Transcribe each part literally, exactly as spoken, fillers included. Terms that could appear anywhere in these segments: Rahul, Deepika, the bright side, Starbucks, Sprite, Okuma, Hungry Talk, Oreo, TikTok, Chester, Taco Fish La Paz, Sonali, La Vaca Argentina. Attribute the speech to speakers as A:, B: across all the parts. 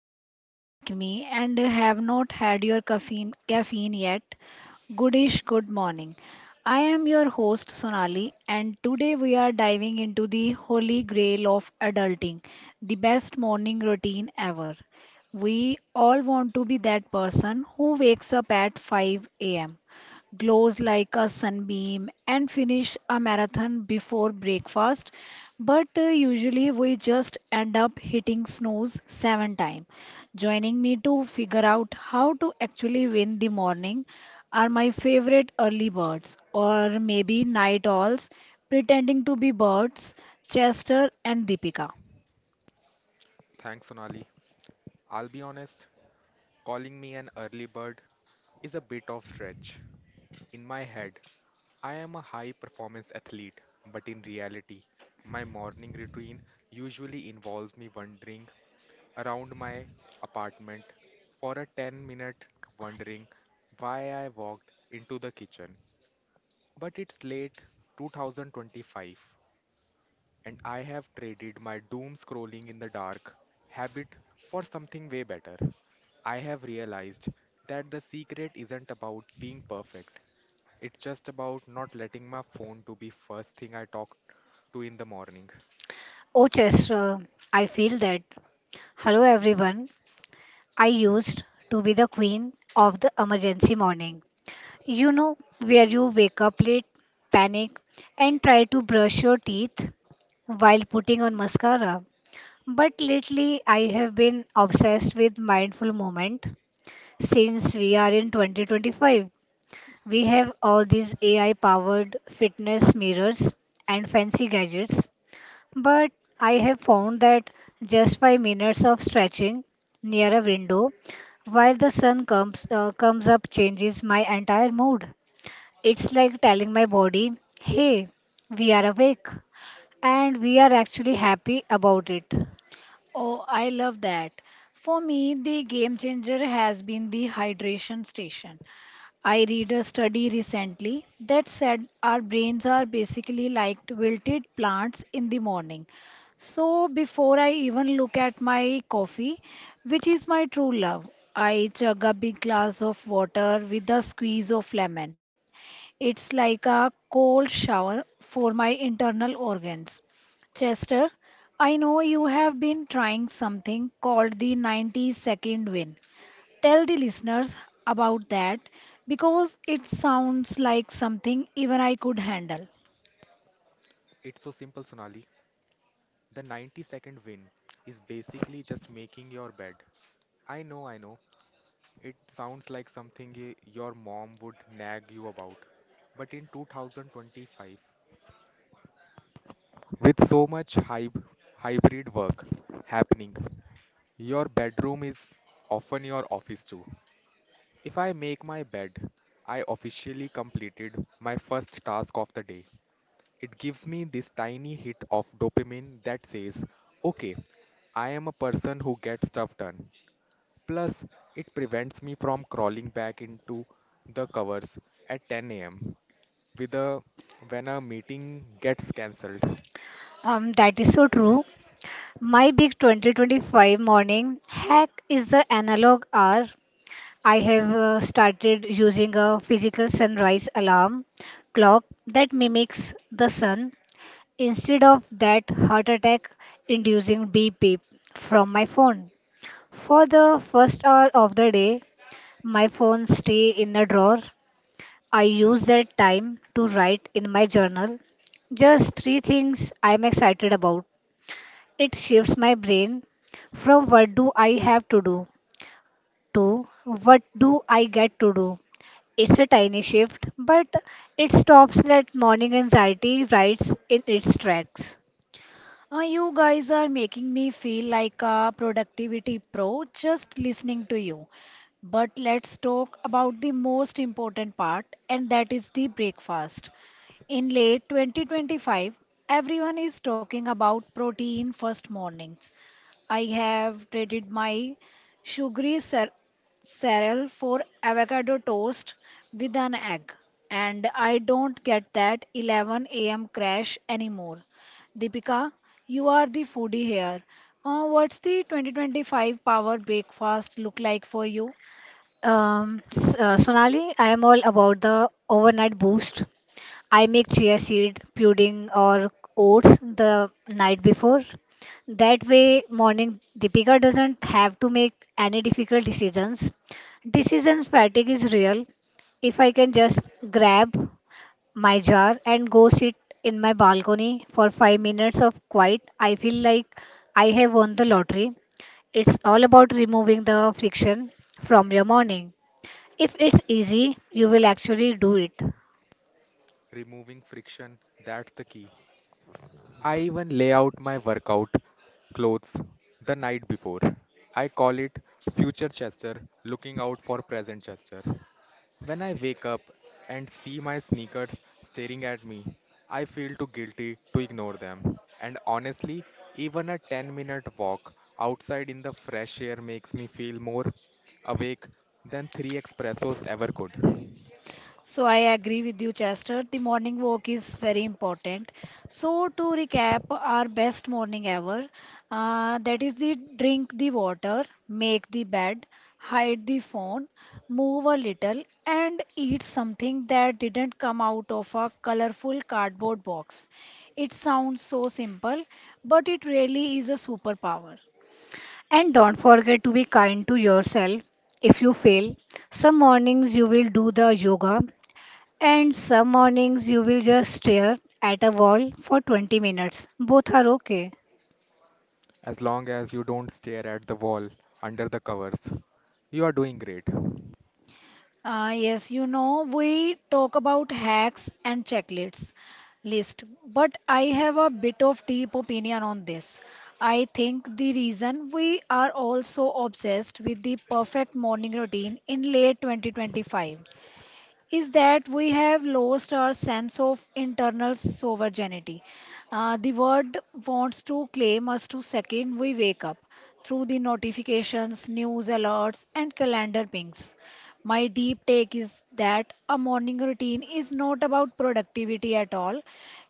A: if you are like me and have not had your caffeine, caffeine yet, goodish good morning. I am your host Sonali, and today we are diving into the holy grail of adulting, the best morning routine ever. We all want to be that person who wakes up at five a.m, glows like a sunbeam, and finish a marathon before breakfast. But uh, usually we just end up hitting snooze seven times. Joining me to figure out how to actually win the morning are my favorite early birds, or maybe night owls, pretending to be birds, Chester and Deepika.
B: Thanks, Sonali. I'll be honest, calling me an early bird is a bit of stretch. In my head, I am a high performance athlete, but in reality, my morning routine usually involves me wandering around my apartment for a ten minute wondering why I walked into the kitchen. But it's late two thousand twenty-five and I have traded my doom scrolling in the dark habit for something way better. I have realized that the secret isn't about being perfect. It's just about not letting my phone to be first thing I talk to in the morning.
C: Oh, Chester, I feel that. Hello, everyone. I used to be the queen of the emergency morning. You know, where you wake up late, panic, and try to brush your teeth while putting on mascara. But lately, I have been obsessed with mindful moment. Since we are in twenty twenty-five, we have all these A I powered fitness mirrors and fancy gadgets. But I have found that just five minutes of stretching near a window while the sun comes, uh, comes up changes my entire mood. It's like telling my body, hey, we are awake and we are actually happy about it.
A: Oh, I love that. For me, the game changer has been the hydration station. I read a study recently that said our brains are basically like wilted plants in the morning. So before I even look at my coffee, which is my true love, I chug a big glass of water with a squeeze of lemon. It's like a cold shower for my internal organs. Chester, I know you have been trying something called the ninety second win. Tell the listeners about that because it sounds like something even I could handle.
B: It's so simple, Sonali. The ninety second win is basically just making your bed. I know, I know. It sounds like something y- your mom would nag you about. But in twenty twenty-five, with so much hyb- hybrid work happening, your bedroom is often your office too. If I make my bed, I officially completed my first task of the day. It gives me this tiny hit of dopamine that says, okay, I am a person who gets stuff done. Plus, it prevents me from crawling back into the covers at ten a m with a when a meeting gets cancelled.
C: Um, that is so true. My big twenty twenty-five morning hack is the analog hour. I have uh, started using a physical sunrise alarm clock that mimics the sun instead of that heart attack inducing beep beep from my phone. For the first hour of the day, my phone stay in the drawer. I use that time to write in my journal just three things I'm excited about. It shifts my brain from what do I have to do to what do I get to do. It's a tiny shift, but it stops that morning anxiety rides in its tracks.
A: Uh, you guys are making me feel like a productivity pro just listening to you. But let's talk about the most important part, and that is the breakfast. In late twenty twenty-five, everyone is talking about protein first mornings. I have traded my sugary cer- cereal for avocado toast with an egg, and I don't get that eleven a m crash anymore. Deepika, you are the foodie here. Uh, what's the twenty twenty-five power breakfast look like for you?
C: Um, S- uh, Sonali, I am all about the overnight boost. I make chia seed, pudding, or oats the night before. That way, morning Deepika doesn't have to make any difficult decisions. Decision fatigue is real. If I can just grab my jar and go sit in my balcony for five minutes of quiet, I feel like I have won the lottery. It's all about removing the friction from your morning. If it's easy, you will actually do it.
B: Removing friction, that's the key. I even lay out my workout clothes the night before. I call it future Chester looking out for present Chester. When I wake up and see my sneakers staring at me, I feel too guilty to ignore them. And honestly, even a ten minute walk outside in the fresh air makes me feel more awake than three espressos ever could.
A: So I agree with you, Chester. The morning walk is very important. So to recap, our best morning ever, uh, that is the drink the water, make the bed, hide the phone, move a little, and eat something that didn't come out of a colorful cardboard box. It sounds so simple, but it really is a superpower.
C: And don't forget to be kind to yourself if you fail. Some mornings you will do the yoga, and some mornings you will just stare at a wall for twenty minutes. Both are okay.
B: As long as you don't stare at the wall under the covers, you are doing great.
A: Uh, yes, you know, we talk about hacks and checklists list, but I have a bit of deep opinion on this. I think the reason we are all so obsessed with the perfect morning routine in late twenty twenty-five is that we have lost our sense of internal sovereignty. Uh, the world wants to claim us to second we wake up through the notifications, news alerts, and calendar pings. My deep take is that a morning routine is not about productivity at all.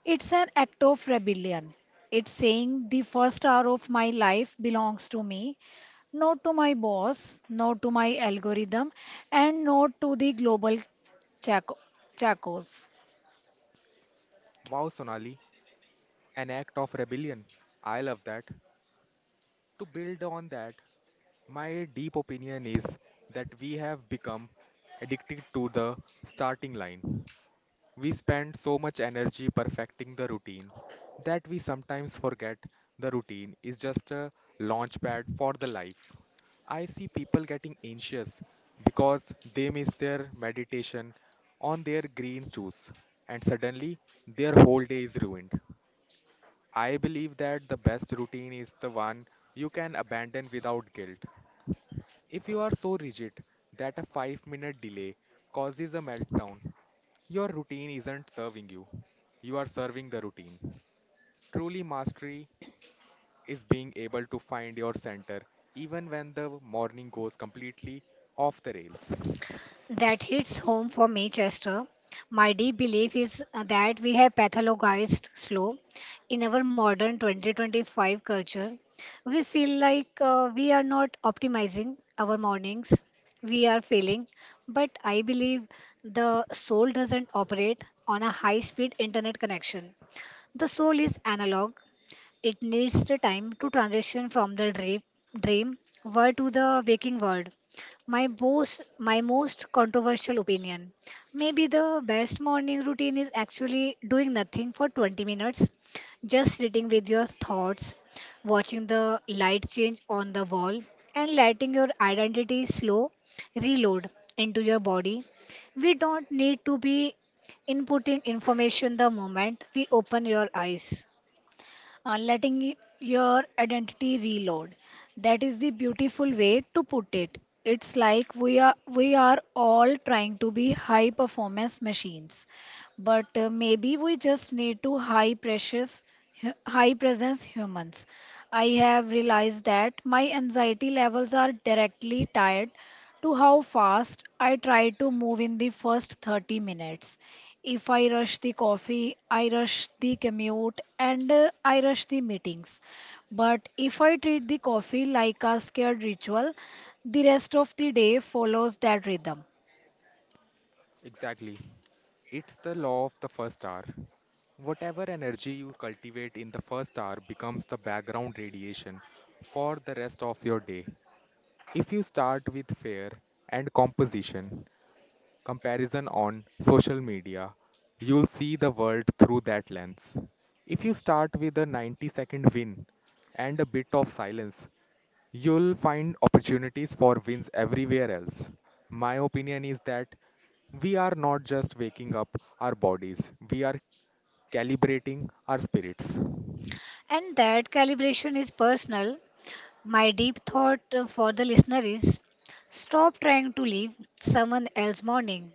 A: It's an act of rebellion. It's saying the first hour of my life belongs to me, not to my boss, not to my algorithm, and not to the global Chaco, Chacos,
B: Wow, Sonali, an act of rebellion. I love that. To build on that, my deep opinion is that we have become addicted to the starting line. We spend so much energy perfecting the routine that we sometimes forget the routine is just a launch pad for the life. I see people getting anxious because they miss their meditation on their green juice and suddenly their whole day is ruined. I believe that the best routine is the one you can abandon without guilt. If you are so rigid that a five minute delay causes a meltdown, your routine isn't serving you. You are serving the routine. Truly, mastery is being able to find your center even when the morning goes completely off the rails.
C: That hits home for me, Chester. My deep belief is uh, that we have pathologized slow in our modern twenty twenty-five culture. We feel like uh, we are not optimizing our mornings, we are failing. But I believe the soul doesn't operate on a high speed internet connection. The soul is analog, it needs the time to transition from the dream, dream world to the waking world. My most, my most controversial opinion. Maybe the best morning routine is actually doing nothing for twenty minutes, just sitting with your thoughts, watching the light change on the wall, and letting your identity slow reload into your body. We don't need to be inputting information the moment we open your eyes.
A: uh, letting y- your identity reload. That is the beautiful way to put it. It's like we are we are all trying to be high performance machines, but uh, maybe we just need to high precious hu- high presence humans. I have realized that my anxiety levels are directly tied to how fast I try to move in the first thirty minutes. If I rush the coffee, I rush the commute, and uh, I rush the meetings. But if I treat the coffee like a scared ritual, the rest of the day follows that rhythm,
B: Exactly. It's the law of the first hour. Whatever energy you cultivate in the first hour becomes the background radiation for the rest of your day. If you start with fear and composition, comparison on social media, you'll see the world through that lens. If you start with a ninety second win and a bit of silence, you'll find opportunities for wins everywhere else. My opinion is that we are not just waking up our bodies, we are calibrating our spirits.
C: And that calibration is personal. My deep thought uh, for the listener is stop trying to live someone else's morning.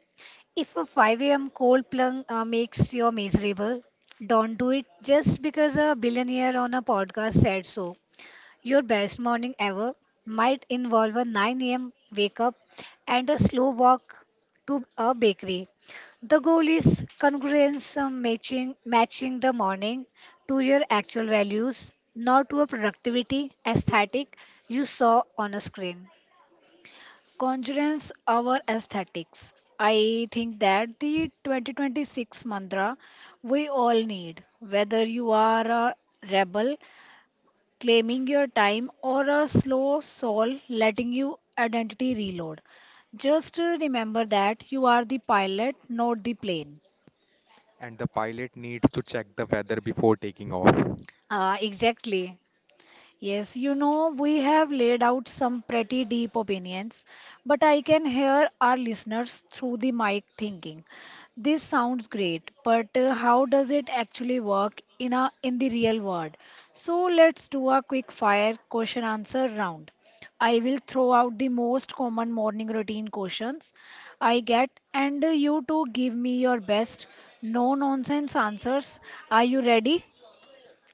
C: If a five a m cold plunge uh, makes you miserable, don't do it just because a billionaire on a podcast said so. Your best morning ever might involve a nine a m wake up and a slow walk to a bakery. The goal is congruence, uh, matching, matching the morning to your actual values, not to a productivity aesthetic you saw on a screen.
A: conjures our aesthetics. I think that the twenty twenty-six mantra we all need, whether you are a rebel claiming your time or a slow soul letting you identity reload. Just uh, remember that you are the pilot, not the plane.
B: And the pilot needs to check the weather before taking off.
C: Uh, exactly.
A: Yes, you know, we have laid out some pretty deep opinions, but I can hear our listeners through the mic thinking, this sounds great, but uh, how does it actually work in a in the real world? So let's do a quick fire question answer round. I will throw out the most common morning routine questions I get, and uh, you two give me your best no nonsense answers. Are you ready?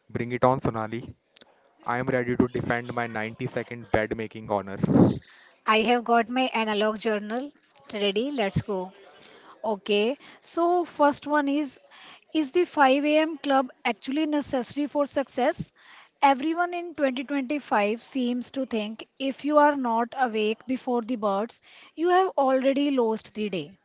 B: Bring it on, Sonali. I am ready to defend my ninety second bed making honor.
C: I have got my analog journal ready. Let's go.
A: Okay, so first one is: is the five a m club actually necessary for success? Everyone in twenty twenty-five seems to think if you are not awake before the birds, you have already lost the day.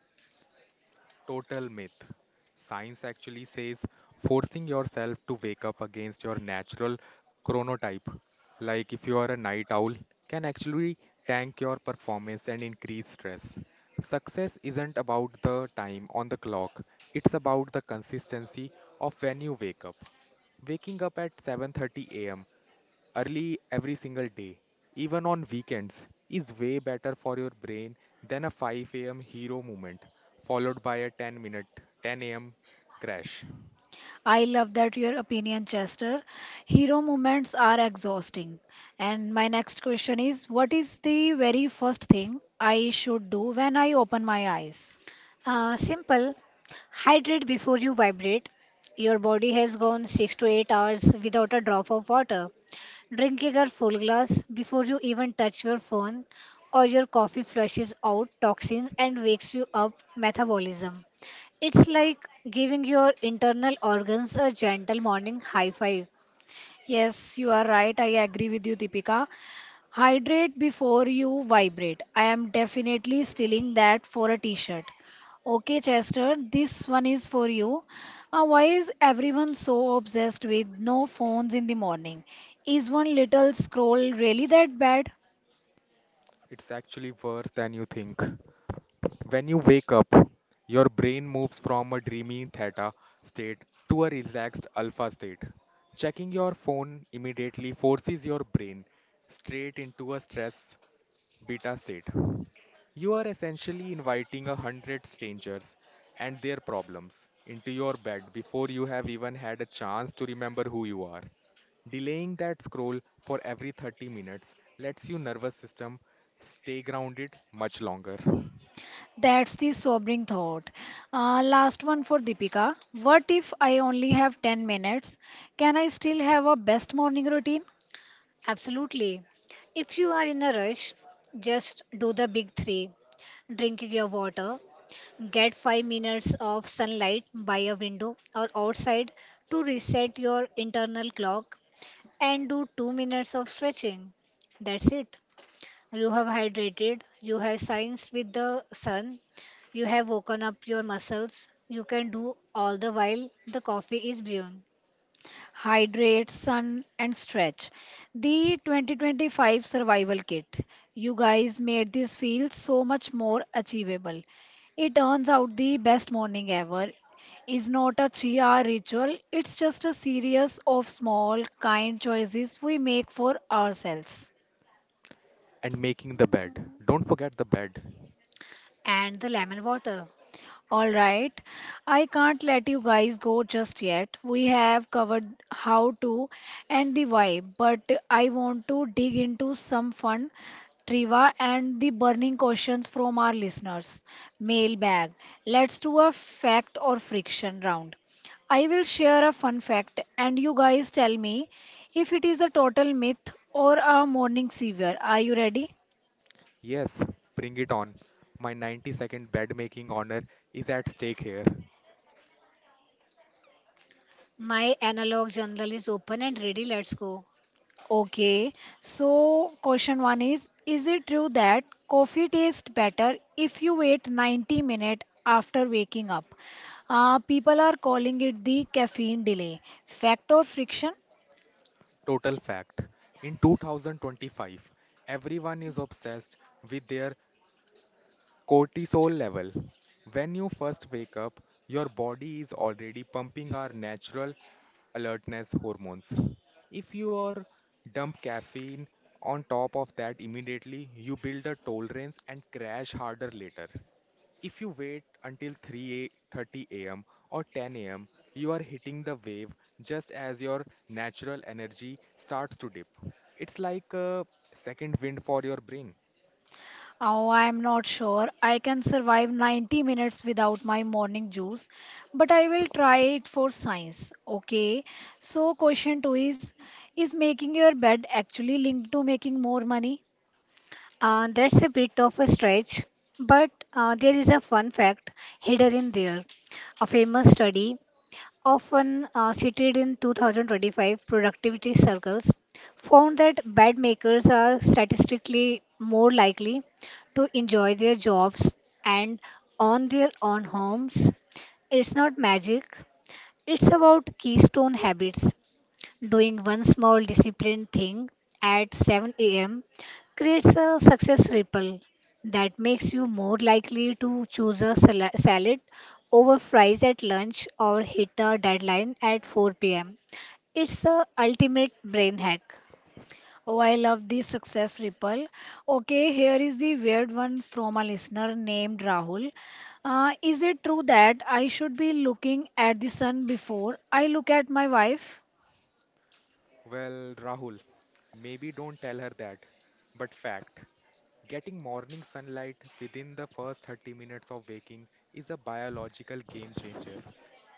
B: Total myth. Science actually says forcing yourself to wake up against your natural chronotype, like if you are a night owl, can actually tank your performance and increase stress. Success isn't about the time on the clock, it's about the consistency of when you wake up. Waking up at seven thirty a m early every single day, even on weekends, is way better for your brain than a five a m hero moment followed by a ten minute ten a m crash.
A: I love that your opinion, Chester. Hero moments are exhausting. And my next question is: what is the very first thing I should do when I open my eyes?
C: Uh, simple. Hydrate before you vibrate. Your body has gone six to eight hours without a drop of water. Drinking a full glass before you even touch your phone or your coffee flushes out toxins and wakes you up metabolism. It's like giving your internal organs a gentle morning high five.
A: Yes, you are right. I agree with you, Deepika. Hydrate before you vibrate. I am definitely stealing that for a t-shirt. Okay, Chester, this one is for you. Uh, why is everyone so obsessed with no phones in the morning? Is one little scroll really that bad?
B: It's actually worse than you think. When you wake up, your brain moves from a dreamy theta state to a relaxed alpha state. Checking your phone immediately forces your brain straight into a stress beta state. You are essentially inviting a hundred strangers and their problems into your bed before you have even had a chance to remember who you are. Delaying that scroll for every thirty minutes lets your nervous system stay grounded much longer.
A: That's the sobering thought. Uh, last one for Deepika. What if I only have ten minutes? Can I still have a best morning routine?
C: Absolutely. If you are in a rush, just do the big three drinking your water, get five minutes of sunlight by a window or outside to reset your internal clock, and do two minutes of stretching. That's it. You have hydrated, you have science with the sun, you have woken up your muscles. You can do all the while the coffee is brewing
A: Hydrate, sun, and stretch. The twenty twenty-five survival kit. You guys made this feel so much more achievable. It turns out the best morning ever is not a three hour ritual, it's just a series of small, kind choices we make for ourselves.
B: And making the bed. Don't forget the bed.
C: and the lemon water.
A: All right. I can't let you guys go just yet. We have covered how to and the why, but I want to dig into some fun trivia and the burning questions from our listeners. Mailbag. Let's do a fact or friction round. I will share a fun fact and you guys tell me if it is a total myth or a morning fever. Are you ready?
B: Yes, bring it on. My ninety second bed making honor is at stake here.
C: My analog journal is open and ready. Let's go.
A: Okay, so question one is: is it true that coffee tastes better if you wait ninety minutes after waking up? Uh, people are calling it the caffeine delay. Fact or friction?
B: Total fact. In two thousand twenty-five, everyone is obsessed with their cortisol level. When you first wake up, your body is already pumping our natural alertness hormones. If you are dump caffeine on top of that immediately, you build a tolerance and crash harder later. If you wait until three thirty a m or ten a m, you are hitting the wave just as your natural energy starts to dip. It's like a second wind for your brain.
A: Oh, I'm not sure. I can survive ninety minutes without my morning juice, but I will try it for science. Okay, so question two is: is making your bed actually linked to making more money?
C: Uh, that's a bit of a stretch, but uh, there is a fun fact hidden in there. A famous study often uh, cited in twenty twenty-five productivity circles, found that bed makers are statistically more likely to enjoy their jobs and own their own homes. It's not magic, it's about keystone habits. Doing one small disciplined thing at seven a m creates a success ripple that makes you more likely to choose a sala- salad over fries at lunch or hit a deadline at four p m. It's the ultimate brain hack.
A: Oh, I love the success ripple. Okay, here is the weird one from a listener named Rahul. Uh, is it true that I should be looking at the sun before I look at my wife?
B: Well, Rahul, maybe don't tell her that, but fact. Getting morning sunlight within the first thirty minutes of waking is a biological game changer.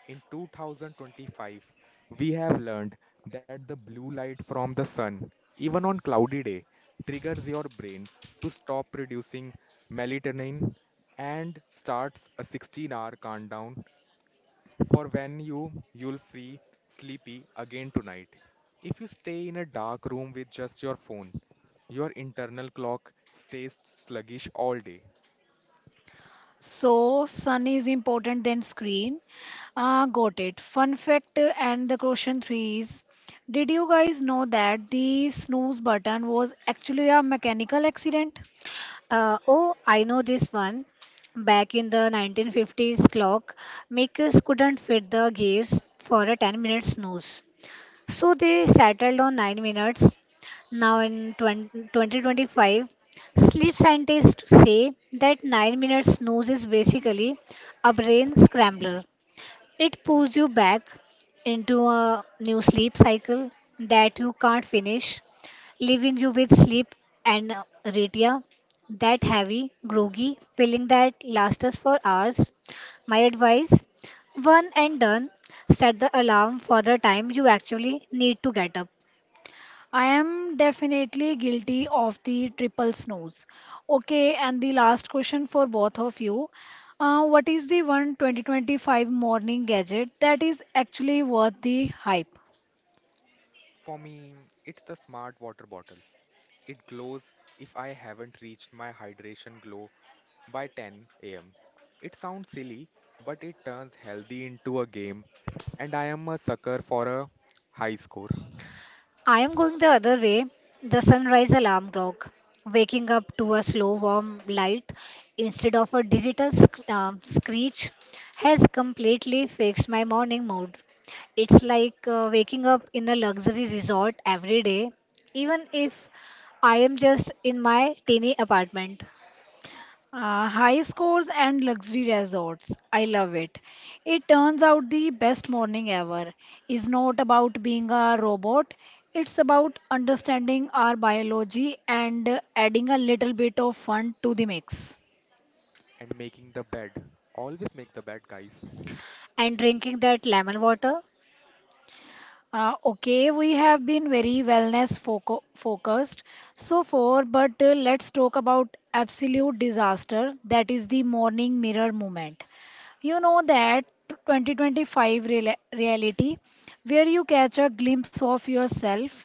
B: In twenty twenty-five, we have learned that the blue light from the sun, even on cloudy day, triggers your brain to stop producing melatonin and starts a sixteen-hour countdown for when you you'll feel sleepy again tonight. If you stay in a dark room with just your phone, your internal clock stays sluggish all day.
A: So, sun is important than screen. Ah, got it. Fun fact uh, and the question three is, did you guys know that the snooze button was actually a mechanical accident?
C: Uh, oh, I know this one. Back in the nineteen fifties clock, makers couldn't fit the gears for a ten minute snooze. So they settled on nine minutes. Now in twenty twenty twenty-five, sleep scientists say that nine minutes snooze is basically a brain scrambler. It pulls you back into a new sleep cycle that you can't finish, leaving you with sleep and retia, that heavy, groggy feeling that lasts us for hours. My advice one and done, set the alarm for the time you actually need to get up.
A: I am definitely guilty of the triple snooze. Okay, and the last question for both of you. Uh, what is the one twenty twenty-five morning gadget that is actually worth the hype?
B: For me, it's the smart water bottle. It glows if I haven't reached my hydration glow by ten a m. It sounds silly, but it turns healthy into a game, and I am a sucker for a high score.
C: I am going the other way. The sunrise alarm clock, waking up to a slow warm light instead of a digital sc- um, screech, has completely fixed my morning mood. It's like uh, waking up in a luxury resort every day, even if I am just in my tiny apartment
A: Uh, high scores and luxury resorts. I love it. It turns out the best morning ever is not about being a robot. It's about understanding our biology and adding a little bit of fun to the mix.
B: And making the bed. Always make the bed, guys.
C: and drinking that lemon water.
A: Uh, okay, we have been very wellness foco focused so far, but uh, let's talk about absolute disaster that is the morning mirror moment. You know that twenty twenty-five reala- reality where you catch a glimpse of yourself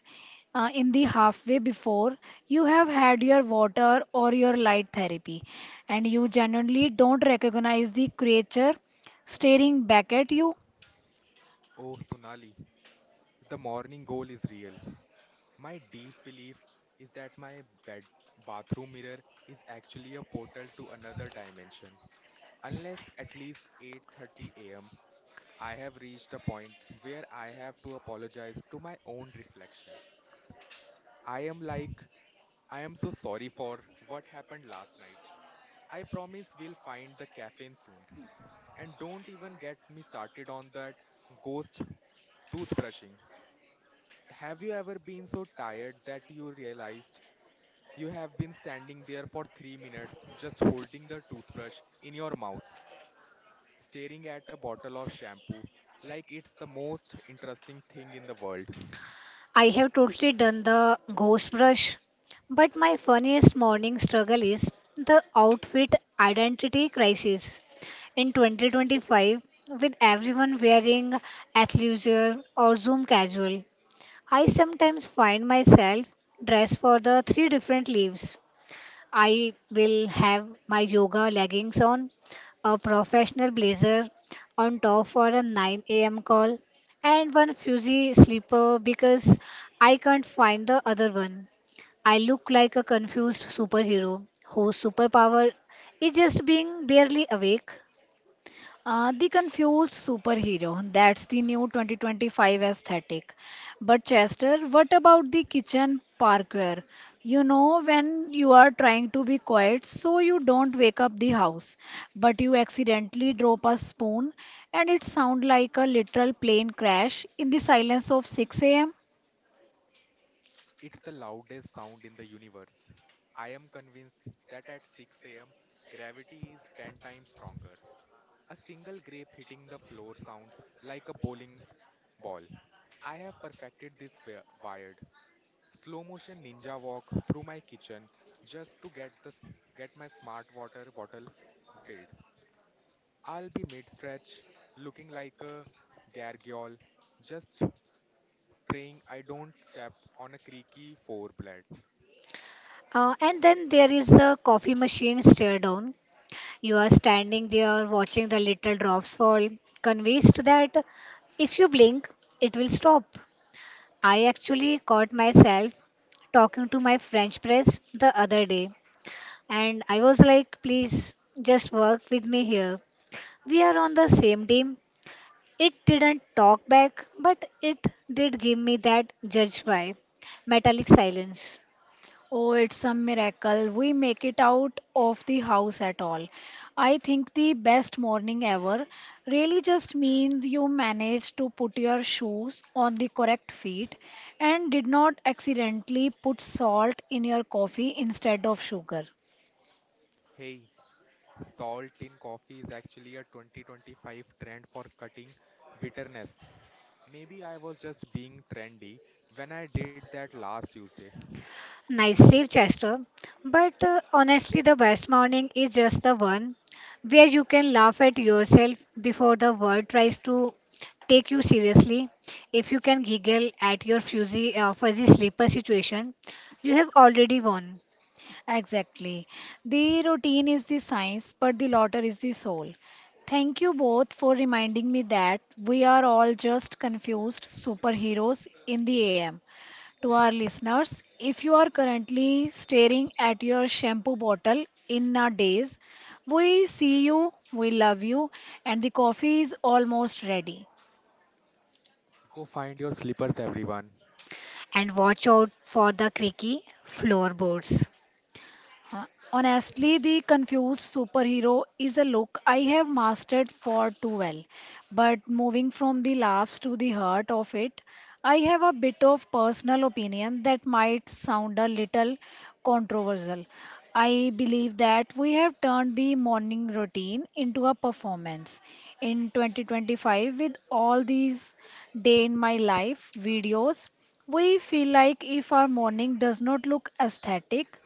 A: uh, in the halfway before you have had your water or your light therapy, and you genuinely don't recognize the creature staring back at you.
B: Oh, Sonali, the morning goal is real. My deep belief is that my bed bathroom mirror is actually a portal to another dimension. Unless at least eight thirty a m. I have reached a point where I have to apologize to my own reflection. I am like, I am so sorry for what happened last night. I promise we'll find the caffeine soon. And don't even get me started on that ghost toothbrushing. Have you ever been so tired that you realized you have been standing there for three minutes just holding the toothbrush in your mouth, staring at a bottle of shampoo like it's the most interesting thing in the world?
C: I have totally done the ghost brush, but my funniest morning struggle is the outfit identity crisis. In twenty twenty-five, with everyone wearing athleisure or Zoom casual, I sometimes find myself dressed for the three different leaves. I will have my yoga leggings on, a professional blazer on top for a nine a m call, and one fuzzy slipper because I can't find the other one. I look like a confused superhero whose superpower is just being barely awake.
A: Uh, the confused superhero, that's the new twenty twenty-five aesthetic. But Chester, what about the kitchen parkour? You know, when you are trying to be quiet so you don't wake up the house, but you accidentally drop a spoon and it sounds like a literal plane crash in the silence of six a m.
B: It's the loudest sound in the universe. I am convinced that at six a m, gravity is ten times stronger. A single grape hitting the floor sounds like a bowling ball. I have perfected this wi- wired slow motion ninja walk through my kitchen just to get the s- get my smart water bottle filled. I'll be mid stretch looking like a gargoyle just praying I don't step on a creaky floor blade.
C: Uh, and then there is the coffee machine stare down. You are standing there watching the little drops fall, convinced that if you blink, it will stop. I actually caught myself talking to my French press the other day, and I was like, please just work with me here. We are on the same team. It didn't talk back, but it did give me that judge vibe, metallic silence.
A: Oh, it's a miracle. We make it out of the house at all. I think the best morning ever really just means you managed to put your shoes on the correct feet and did not accidentally put salt in your coffee instead of sugar.
B: Hey, salt in coffee is actually a twenty twenty-five trend for cutting bitterness. Maybe I was just being trendy when I did that last Tuesday.
C: Nice save, Chester. But uh, honestly, the best morning is just the one where you can laugh at yourself before the world tries to take you seriously. If you can giggle at your fuzzy, uh, fuzzy sleeper situation, you have already won.
A: Exactly. The routine is the science, but the laughter is the soul. Thank you both for reminding me that we are all just confused superheroes in the A M. To our listeners: if you are currently staring at your shampoo bottle in a daze, we see you, we love you, and the coffee is almost ready.
B: Go find your slippers, everyone.
C: And watch out for the creaky floorboards.
A: Uh, Honestly, the confused superhero is a look I have mastered far too well. But moving from the laughs to the heart of it, I have a bit of personal opinion that might sound a little controversial. I believe that we have turned the morning routine into a performance. In twenty twenty-five, with all these day in my life videos, we feel like if our morning does not look aesthetic,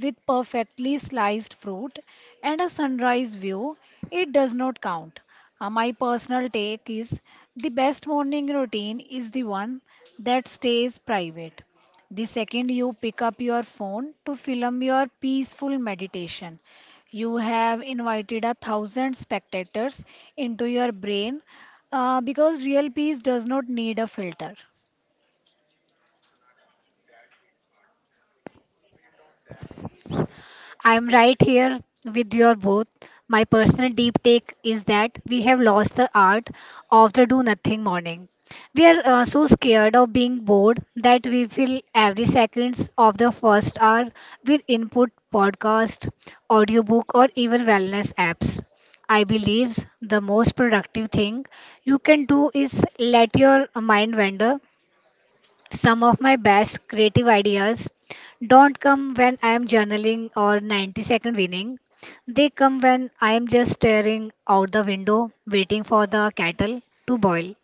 A: with perfectly sliced fruit and a sunrise view, it does not count. Uh, my personal take is the best morning routine is the one that stays private. The second you pick up your phone to film your peaceful meditation, you have invited a thousand spectators into your brain uh, because real peace does not need a filter.
B: Sonali, that hits hard. To build on that, my
C: I'm
B: personal
C: right
B: belief.
C: here with your both. My personal deep take is that we have lost the art of the do nothing morning. We are uh, so scared of being bored that we fill every seconds of the first hour with input podcast, audiobook or even wellness apps. I believes the most productive thing you can do is let your mind wander some of my best creative ideas don't come when I am journaling or ninety second winning. They come when I am just staring out the window waiting for the kettle to boil.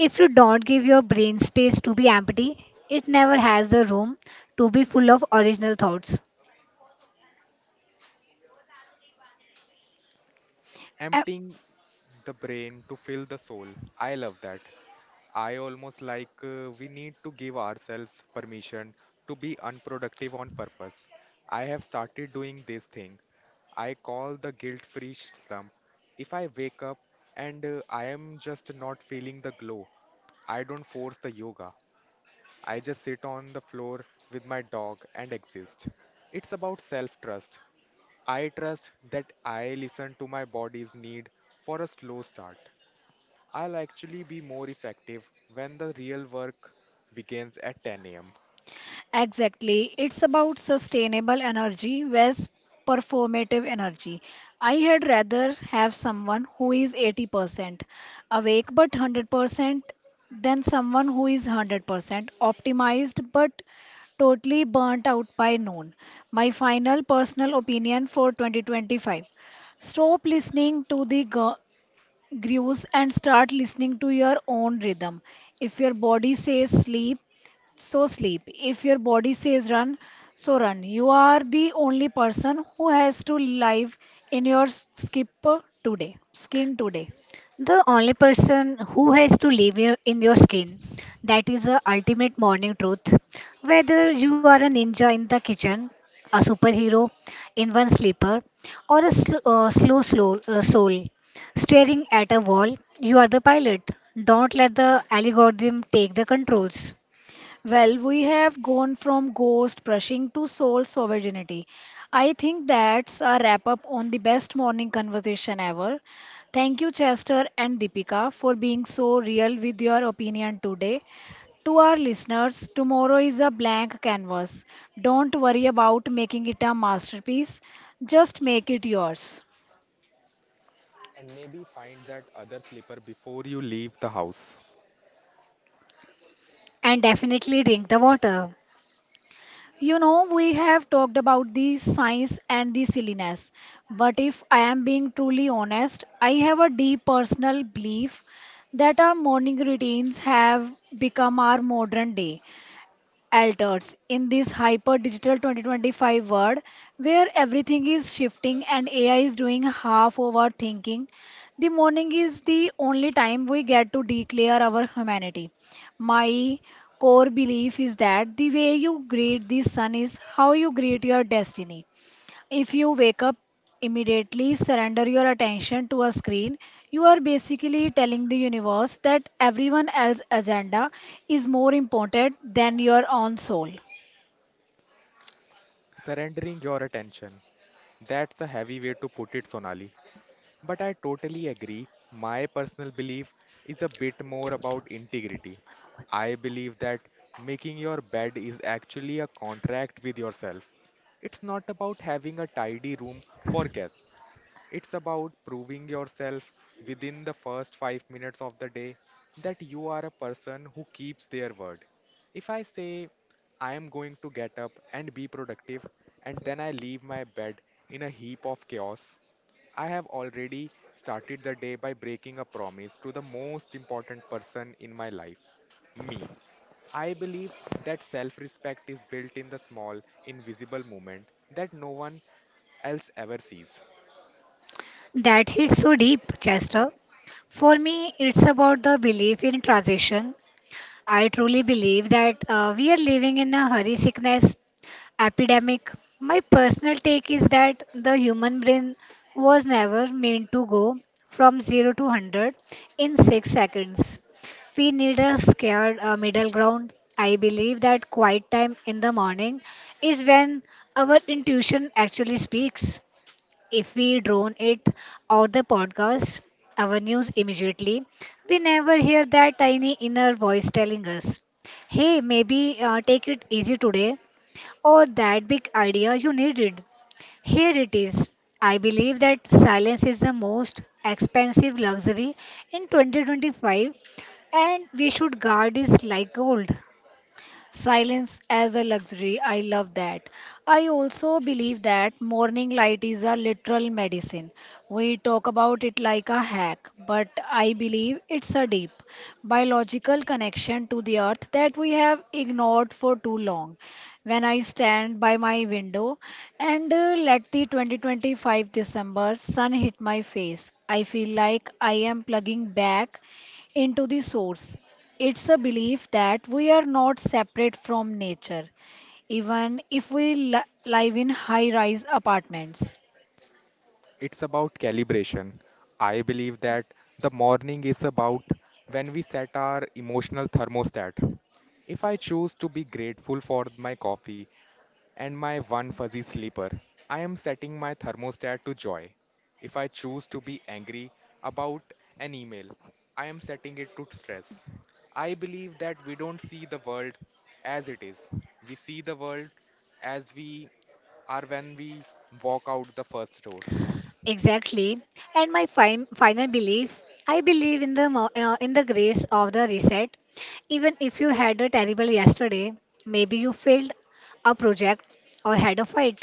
C: If you don't give your brain space to be empty, it never has the room to be full of original thoughts.
B: Emptying the brain to fill the soul. I love that. I almost like uh, we need to give ourselves permission to be unproductive on purpose. I have started doing this thing. I call the guilt-free slump. If I wake up and uh, I am just not feeling the glow, I don't force the yoga. I just sit on the floor with my dog and exist. It's about self trust. I trust that I listen to my body's need for a slow start. I'll actually be more effective when the real work begins at ten a m.
A: Exactly. It's about sustainable energy versus performative energy. I had rather have someone who is eighty percent awake but one hundred percent than someone who is one hundred percent optimized but totally burnt out by noon. My final personal opinion for twenty twenty-five. Stop listening to the gu- Grues and start listening to your own rhythm. If your body says sleep, so sleep. If your body says run, so run. You are the only person who has to live in your skip today, skin today.
C: The only person who has to live your- in your skin. That is the ultimate morning truth. Whether you are a ninja in the kitchen, a superhero in one sleeper, or a sl- uh, slow, slow uh, soul staring at a wall, you are the pilot. Don't let the algorithm take the controls.
A: Well, we have gone from ghost brushing to soul sovereignty. I think that's a wrap up on the best morning conversation ever. Thank you, Chester and Deepika, for being so real with your opinion today. To our listeners, tomorrow is a blank canvas. Don't worry about making it a masterpiece, just make it yours.
B: And maybe find that other sleeper before you leave the house.
C: And definitely drink the water.
A: You know, we have talked about the science and the silliness, but if I am being truly honest, I have a deep personal belief that our morning routines have become our modern day alters in this hyper digital twenty twenty-five world where everything is shifting and A I is doing half of our thinking. The morning is the only time we get to declare our humanity. My core belief is that the way you greet the sun is how you greet your destiny. If you wake up immediately, surrender your attention to a screen, you are basically telling the universe that everyone else's agenda is more important than your own soul.
B: Surrendering your attention. That's a heavy way to put it, Sonali. But I totally agree. My personal belief is a bit more about integrity. I believe that making your bed is actually a contract with yourself. It's not about having a tidy room for guests. It's about proving yourself within the first five minutes of the day that you are a person who keeps their word. If I say, I am going to get up and be productive, and then I leave my bed in a heap of chaos, I have already started the day by breaking a promise to the most important person in my life, me. I believe that self respect is built in the small, invisible moment that no one else ever sees.
C: That hits so deep, Chester. For me, it's about the belief in transition. I truly believe that uh, we are living in a hurry sickness epidemic. My personal take is that the human brain was never meant to go from zero to one hundred in six seconds. We need a scared uh, middle ground. I believe that quiet time in the morning is when our intuition actually speaks. If we drone it or the podcast, our news immediately, we never hear that tiny inner voice telling us, hey, maybe uh, take it easy today, or that big idea you needed. Here it is. I believe that silence is the most expensive luxury in twenty twenty-five, and we should guard it like gold.
A: Silence as a luxury. I love that. I also believe that morning light is a literal medicine. We talk about it like a hack, but I believe it's a deep biological connection to the earth that we have ignored for too long. When I stand by my window and uh, let the twenty twenty-five December sun hit my face, I feel like I am plugging back into the source. It's a belief that we are not separate from nature, even if we li- live in high rise apartments.
B: It's about calibration. I believe that the morning is about when we set our emotional thermostat. If I choose to be grateful for my coffee and my one fuzzy sleeper, I am setting my thermostat to joy. If I choose to be angry about an email, I am setting it to stress. I believe that we don't see the world as it is. We see the world as we are when we walk out the first door.
C: Exactly. And my fin- final belief, I believe in the mo- uh, in the grace of the reset. Even if you had a terrible yesterday, maybe you failed a project or had a fight.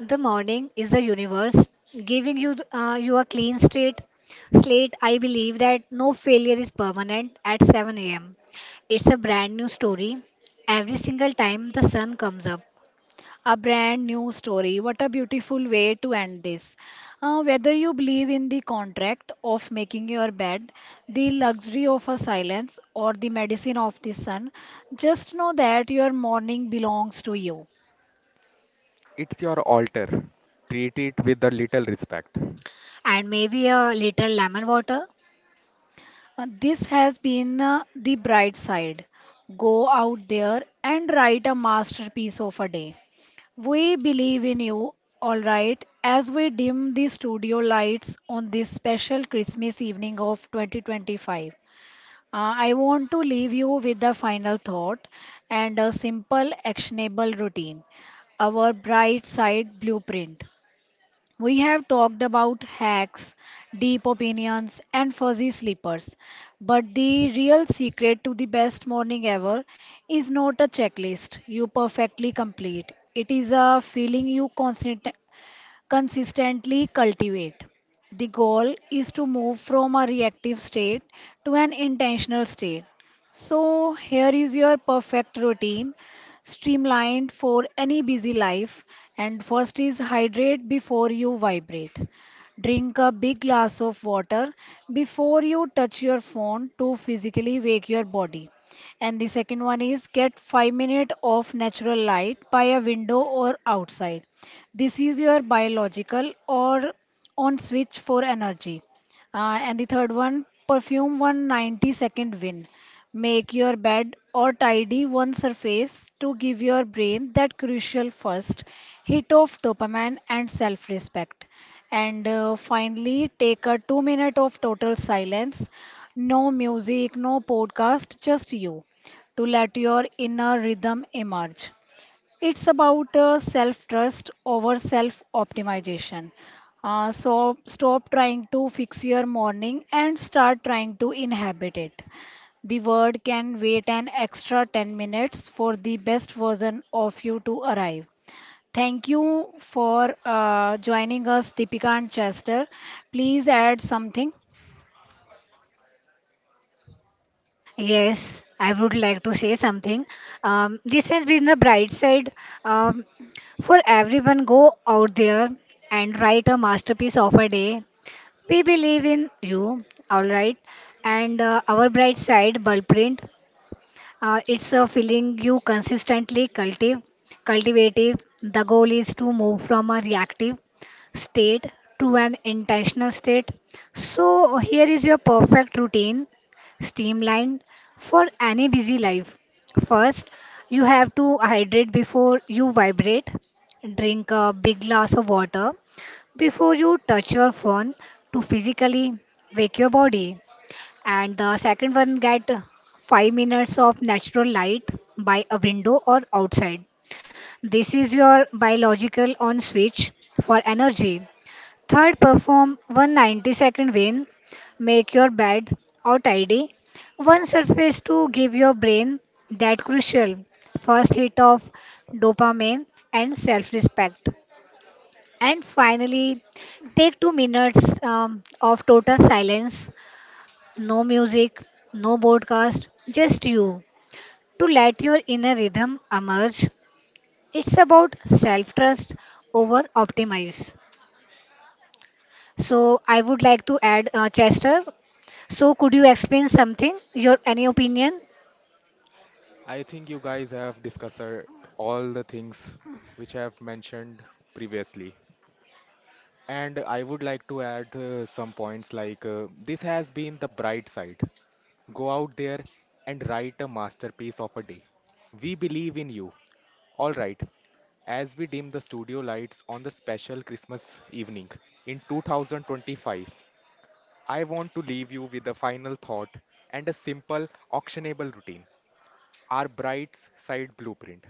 C: The morning is the universe giving you th- uh, you a clean slate. Slate. I believe that no failure is permanent at seven a m. It's a brand new story every single time the sun comes up
A: A brand new story. What a beautiful way to end this. Uh, whether you believe in the contract of making your bed, the luxury of a silence, or the medicine of the sun, just know that your morning belongs to you.
B: It's your altar. Treat it with a little respect.
C: and maybe a little lemon water.
A: Uh, this has been uh, the bright side. Go out there and write a masterpiece of a day. We believe in you, alright, as we dim the studio lights on this special Christmas evening of twenty twenty-five. Uh, I want to leave you with a final thought and a simple, actionable routine. Our bright side blueprint. We have talked about hacks, deep opinions, and fuzzy sleepers. But the real secret to the best morning ever is not a checklist you perfectly complete. It is a feeling you constant, consistently cultivate. The goal is to move from a reactive state to an intentional state. So, here is your perfect routine, streamlined for any busy life. And first is hydrate before you vibrate. Drink a big glass of water before you touch your phone to physically wake your body. And the second one is get five minutes of natural light by a window or outside. This is your biological or on switch for energy. Uh, and the third one, perfume one ninety second ninety second win. Make your bed or tidy one surface to give your brain that crucial first hit of dopamine and self respect. And uh, finally, take a two minute of total silence. No music, no podcast, just you to let your inner rhythm emerge. It's about uh, self trust over self optimization. Uh, so stop trying to fix your morning and start trying to inhabit it. The word can wait an extra ten minutes for the best version of you to arrive. Thank you for uh, joining us, Deepika and Chester. Please add something.
C: Yes, I would like to say something. Um, this has been the bright side um, for everyone. Go out there and write a masterpiece of a day. We believe in you, all right. And uh, our bright side, Blueprint. Uh, it's a feeling you consistently cultive, cultivative. The goal is to move from a reactive state to an intentional state. So here is your perfect routine, streamlined for any busy life. First, you have to hydrate before you vibrate. Drink a big glass of water before you touch your phone to physically wake your body. And the second one, get five minutes of natural light by a window or outside. This is your biological on switch for energy. Third, perform one ninety second win. Make your bed or tidy. One surface to give your brain that crucial first hit of dopamine and self respect. And finally, take two minutes um, of total silence no music, no broadcast, just you to let your inner rhythm emerge. It's about self trust over optimize. So, I would like to add uh, Chester. So, could you explain something, your any opinion?
B: I think you guys have discussed all the things which I have mentioned previously. And I would like to add uh, some points like uh, this has been the bright side. Go out there and write a masterpiece of a day. We believe in you. All right. As we dim the studio lights on the special Christmas evening in two thousand twenty-five, I want to leave you with a final thought and a simple, actionable routine our bright side blueprint.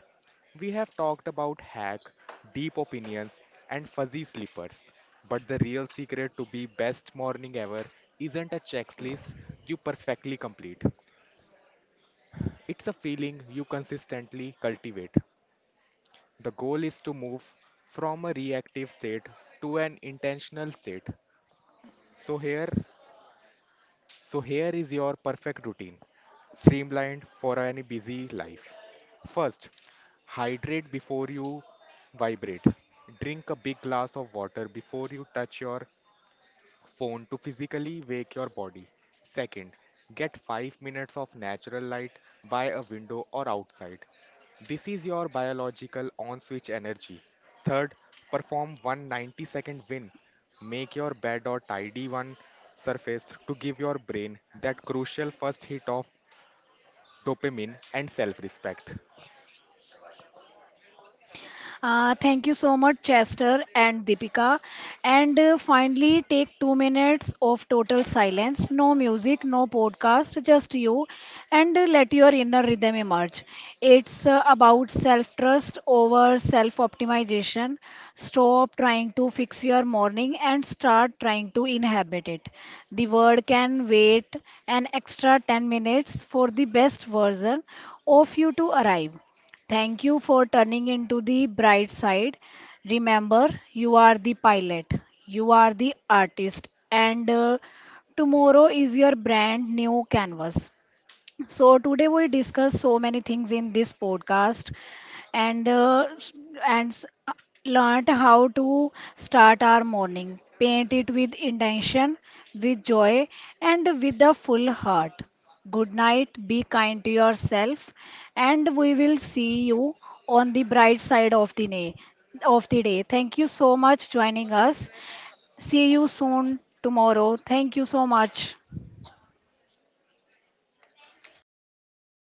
B: We have talked about hack, deep opinions, and fuzzy sleepers. But the real secret to be best morning ever isn't a checklist you perfectly complete. It's a feeling you consistently cultivate. The goal is to move from a reactive state to an intentional state. So here So here is your perfect routine, streamlined for any busy life. First, hydrate before you vibrate. Drink a big glass of water before you touch your phone to physically wake your body. Second, get five minutes of natural light by a window or outside. This is your biological on switch energy. Third, perform one ninety second win. Make your bed or tidy one surface to give your brain that crucial first hit of dopamine and self respect.
A: Uh, thank you so much, Chester and Deepika. And uh, finally, take two minutes of total silence. No music, no podcast, just you. And uh, let your inner rhythm emerge. It's uh, about self trust over self optimization. Stop trying to fix your morning and start trying to inhabit it. The word can wait an extra ten minutes for the best version of you to arrive. Thank you for turning into the bright side. Remember, you are the pilot, you are the artist, and uh, tomorrow is your brand new canvas. So today we discuss so many things in this podcast and uh, s- and s- learned how to start our morning, paint it with intention, with joy and with a full heart. Good night, be kind to yourself and we will see you on the bright side of the day. Of the day. Thank you so much joining us. See you soon tomorrow. Thank you so much.